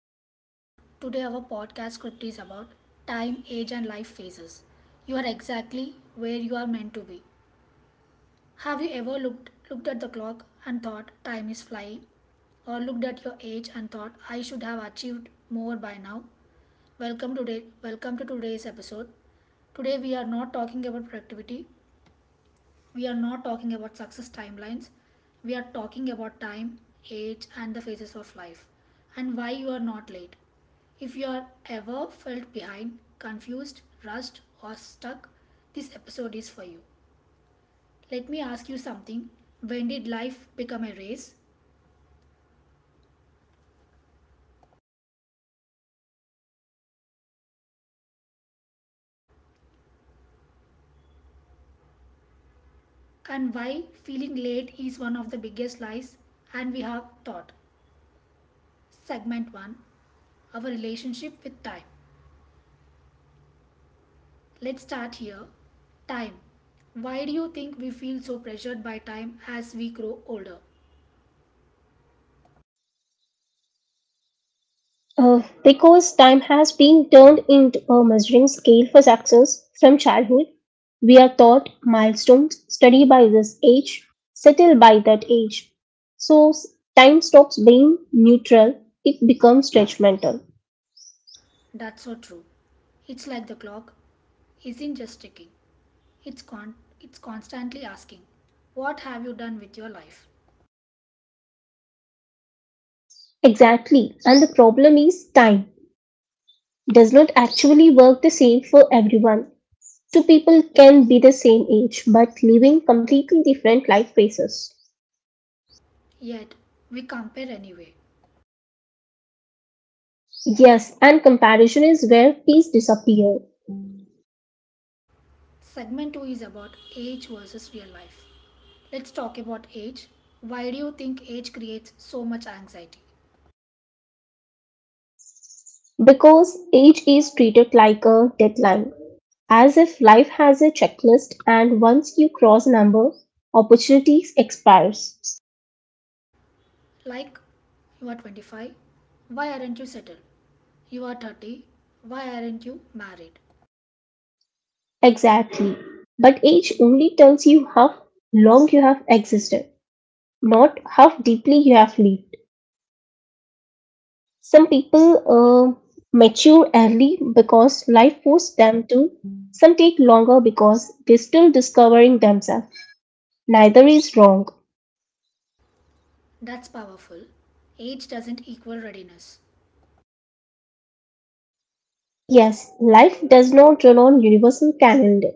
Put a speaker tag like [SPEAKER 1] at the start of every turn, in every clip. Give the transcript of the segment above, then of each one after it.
[SPEAKER 1] Hello everyone. Today our podcast script is about time, age and life phases. You are exactly where you are meant to be. Have you ever looked at the clock and thought time is flying or looked at your age and thought I should have achieved more by now? Welcome to today's episode. Today we are not talking about productivity, we are not talking about success timelines. We are talking about time, age, and the phases of life, and why you are not late. If you are ever felt behind, confused, rushed, or stuck, this episode is for you. Let me ask you something. When did life become a race? And why feeling late is one of the biggest lies and we have taught. Segment 1. Our relationship with time. Let's start here. Time. Why do you think we feel so pressured by time as we grow older?
[SPEAKER 2] Because time has been turned into a measuring scale for success from childhood, we are taught milestones, study by this age, settle by that age. So s- Time stops being neutral, it becomes judgmental.
[SPEAKER 1] That's so true. It's like the clock isn't just ticking. It's con- it's constantly asking, what have you done with your life?
[SPEAKER 2] Exactly, and the problem is time does not actually work the same for everyone. Two people can be the same age but living completely different life phases.
[SPEAKER 1] Yet we compare anyway.
[SPEAKER 2] Yes, and comparison is where peace disappears.
[SPEAKER 1] Segment 2 is about age versus real life. Let's talk about age. Why do you think age creates so much anxiety?
[SPEAKER 2] Because age is treated like a deadline, as if life has a checklist and once you cross a number, opportunities expires.
[SPEAKER 1] Like, you are 25, why aren't you settled? You are 30. Why aren't you married?
[SPEAKER 2] Exactly. But age only tells you how long you have existed, not how deeply you have lived. Some people mature early because life forced them to. Some take longer because they're still discovering themselves. Neither is wrong.
[SPEAKER 1] That's powerful. Age doesn't equal readiness.
[SPEAKER 2] Yes, life does not run on universal calendar.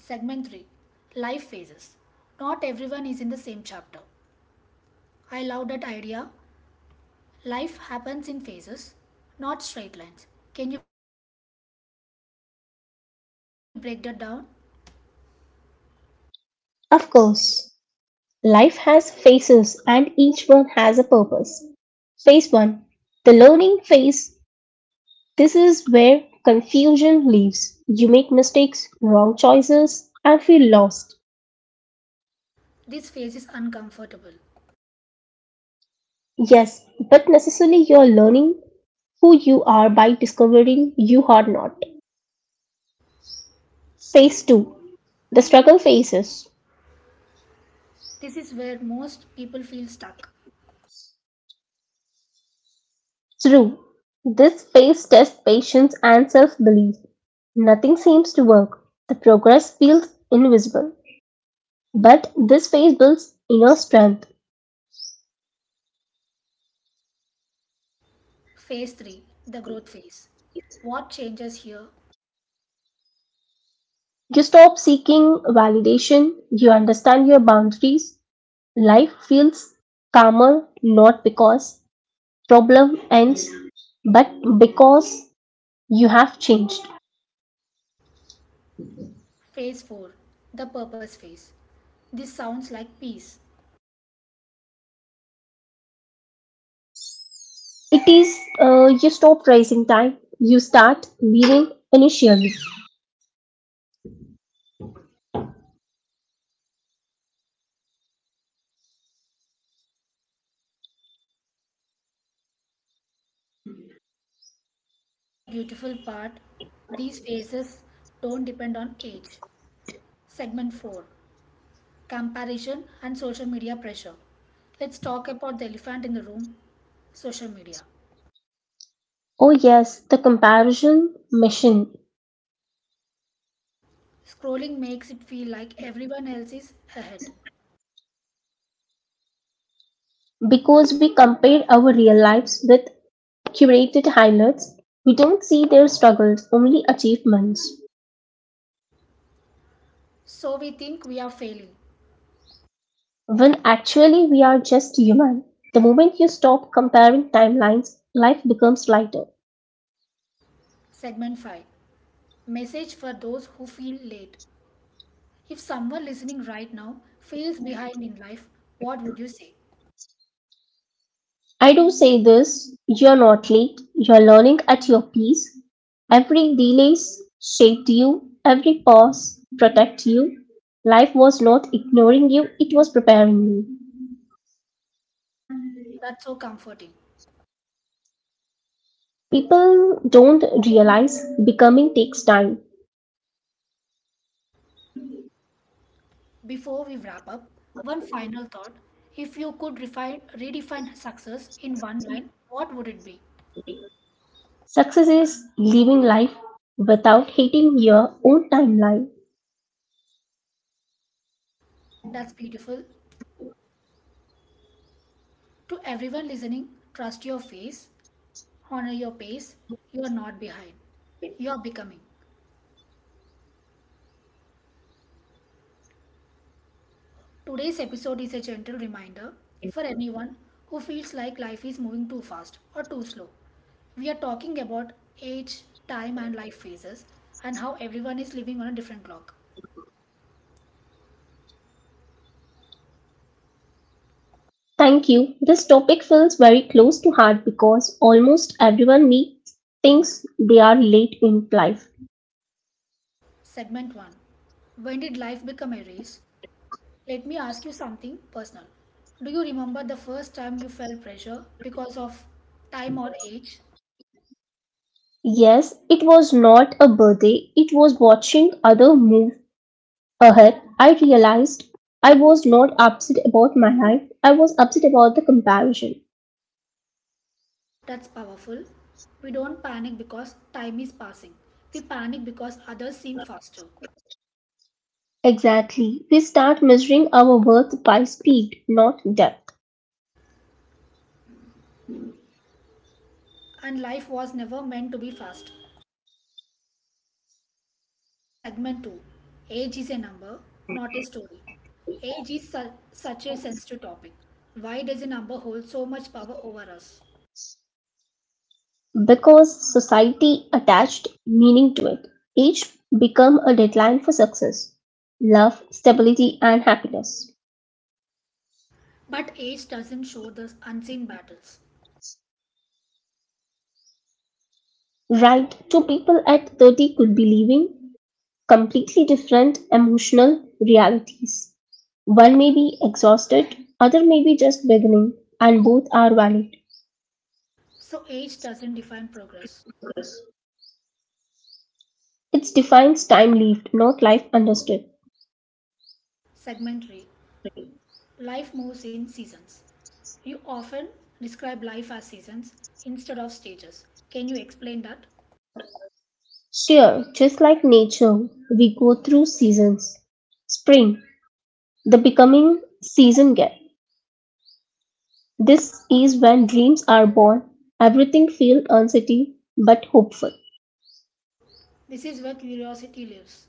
[SPEAKER 1] Segment 3. Life phases. Not everyone is in the same chapter. I love that idea. Life happens in phases, not straight lines. Can you break that down?
[SPEAKER 2] Of course, life has phases and each one has a purpose. Phase 1. The learning phase. This is where confusion lives. You make mistakes, wrong choices, and feel lost.
[SPEAKER 1] This phase is uncomfortable.
[SPEAKER 2] Yes, but necessarily you're learning who you are by discovering you are not. Phase 2. The struggle phases.
[SPEAKER 1] This is where most people feel stuck.
[SPEAKER 2] Through this phase tests patience and self belief. Nothing seems to work. The progress feels invisible. But this phase builds inner strength.
[SPEAKER 1] Phase 3. The growth phase. What changes here?
[SPEAKER 2] You stop seeking validation, you understand your boundaries. Life feels calmer not because problem ends, but because you have changed.
[SPEAKER 1] Phase 4. The purpose phase. This sounds like peace.
[SPEAKER 2] It is you stop raising time, you start living initially.
[SPEAKER 1] The beautiful part, these phases don't depend on age. Segment 4. Comparison and social media pressure. Let's talk about the elephant in the room, social media.
[SPEAKER 2] Oh, yes, the comparison machine.
[SPEAKER 1] Scrolling makes it feel like everyone else is ahead.
[SPEAKER 2] Because we compare our real lives with curated highlights, we don't see their struggles, only achievements.
[SPEAKER 1] So we think we are failing.
[SPEAKER 2] When actually we are just human. The moment you stop comparing timelines, life becomes lighter.
[SPEAKER 1] Segment 5. Message for those who feel late. If someone listening right now feels behind in life, what would you say?
[SPEAKER 2] I do say this, you're not late, you're learning at your pace. Every delay shaped you, every pause protected you. Life was not ignoring you, it was preparing you.
[SPEAKER 1] That's so comforting.
[SPEAKER 2] People don't realize becoming takes time.
[SPEAKER 1] Before we wrap up, one final thought. If you could refine, redefine success in one line, what would it be?
[SPEAKER 2] Success is living life without hating your own timeline.
[SPEAKER 1] That's beautiful. To everyone listening, trust your face, honor your pace. You are not behind, you are becoming. Today's episode is a gentle reminder for anyone who feels like life is moving too fast or too slow. We are talking about age, time, and life phases, and how everyone is living on a different clock.
[SPEAKER 2] Thank you. This topic feels very close to heart because almost everyone meets thinks they are late in life.
[SPEAKER 1] Segment 1. When did life become a race? Let me ask you something personal. Do you remember the first time you felt pressure because of time or age?
[SPEAKER 2] Yes, it was not a birthday, it was watching other move ahead. I realized I was not upset about my life, I was upset about the comparison.
[SPEAKER 1] That's powerful. We don't panic because time is passing. We panic because others seem faster.
[SPEAKER 2] Exactly. We start measuring our worth by speed, not depth.
[SPEAKER 1] And life was never meant to be fast. Segment 2. Age is a number, not a story. Such a sensitive topic. Why does a number hold so much power over us?
[SPEAKER 2] Because society attached meaning to it, age became a deadline for success, love, stability, and happiness.
[SPEAKER 1] But age doesn't show the unseen battles.
[SPEAKER 2] Right, two people at 30 could be living completely different emotional realities. One may be exhausted, other may be just beginning, and both are valid.
[SPEAKER 1] So age doesn't define progress.
[SPEAKER 2] It defines time lived, not life understood.
[SPEAKER 1] Segmentary, life moves in seasons. You often describe life as seasons instead of stages. Can you explain that?
[SPEAKER 2] Sure, just like nature, we go through seasons. Spring, the becoming season gap. This is when dreams are born. Everything feels uncertain but hopeful.
[SPEAKER 1] This is where curiosity lives.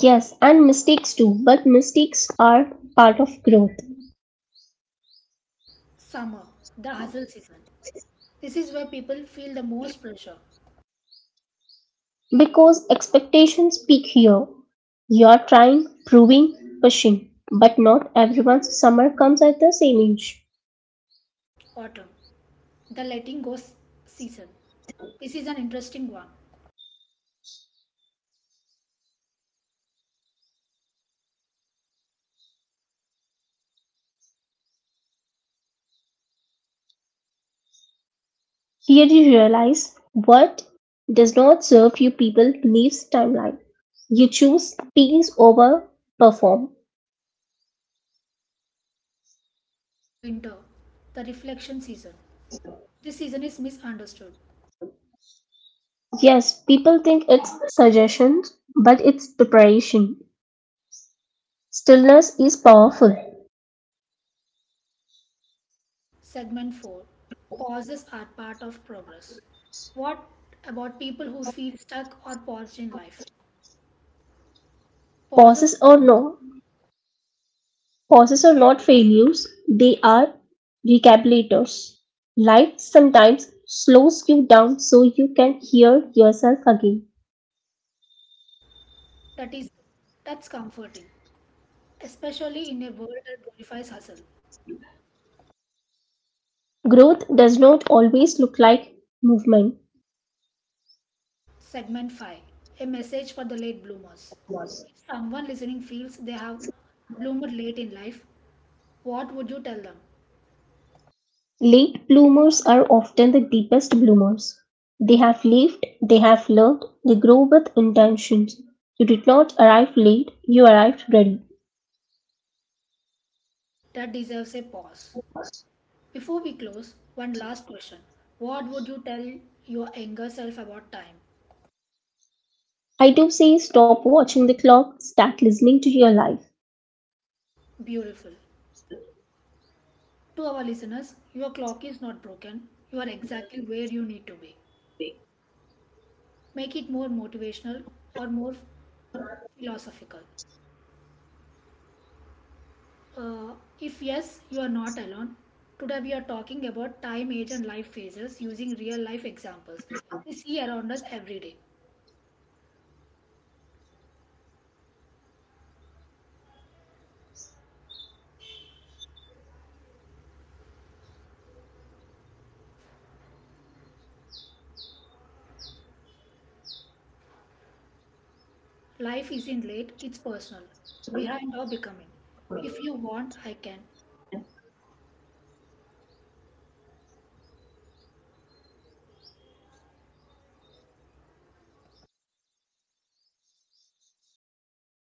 [SPEAKER 2] Yes, and mistakes too, but mistakes are part of growth
[SPEAKER 1] Summer, the hustle season. This is where people feel the most pressure.
[SPEAKER 2] because expectations peak here. You're trying, proving, pushing, but not everyone's summer comes at the same age.
[SPEAKER 1] Autumn, the letting go season. This is an interesting one.
[SPEAKER 2] Here you realize what does not serve you people leaves timeline. You choose peace over perform.
[SPEAKER 1] Winter, the reflection season. This season is misunderstood.
[SPEAKER 2] Yes, people think it's suggestions, but it's preparation. Stillness is powerful.
[SPEAKER 1] Segment 4. Pauses are part of progress. What about people who feel stuck or paused in life? Pauses,
[SPEAKER 2] Pauses or no, pauses are not failures, they are recalculators. Life sometimes slows you down so you can hear yourself again.
[SPEAKER 1] that is that's comforting, especially in a world that glorifies hustle.
[SPEAKER 2] Growth does not always look like movement.
[SPEAKER 1] Segment 5, a message for the late bloomers. If someone listening feels they have bloomed late in life, what would you tell them?
[SPEAKER 2] Late bloomers are often the deepest bloomers. They have lived, they have learned, they grow with intentions. You did not arrive late, you arrived ready.
[SPEAKER 1] That deserves a pause. Before we close, one last question. What would you tell your younger self about time?
[SPEAKER 2] I do say stop watching the clock, start listening to your life.
[SPEAKER 1] Beautiful. To our listeners, your clock is not broken, you are exactly where you need to be. Make it more motivational or more philosophical. Uh, if yes, you are not alone. Today we are talking about time, age, and life phases using real life examples we see around us every day. Life isn't late, it's personal, behind our becoming. If you want, I can.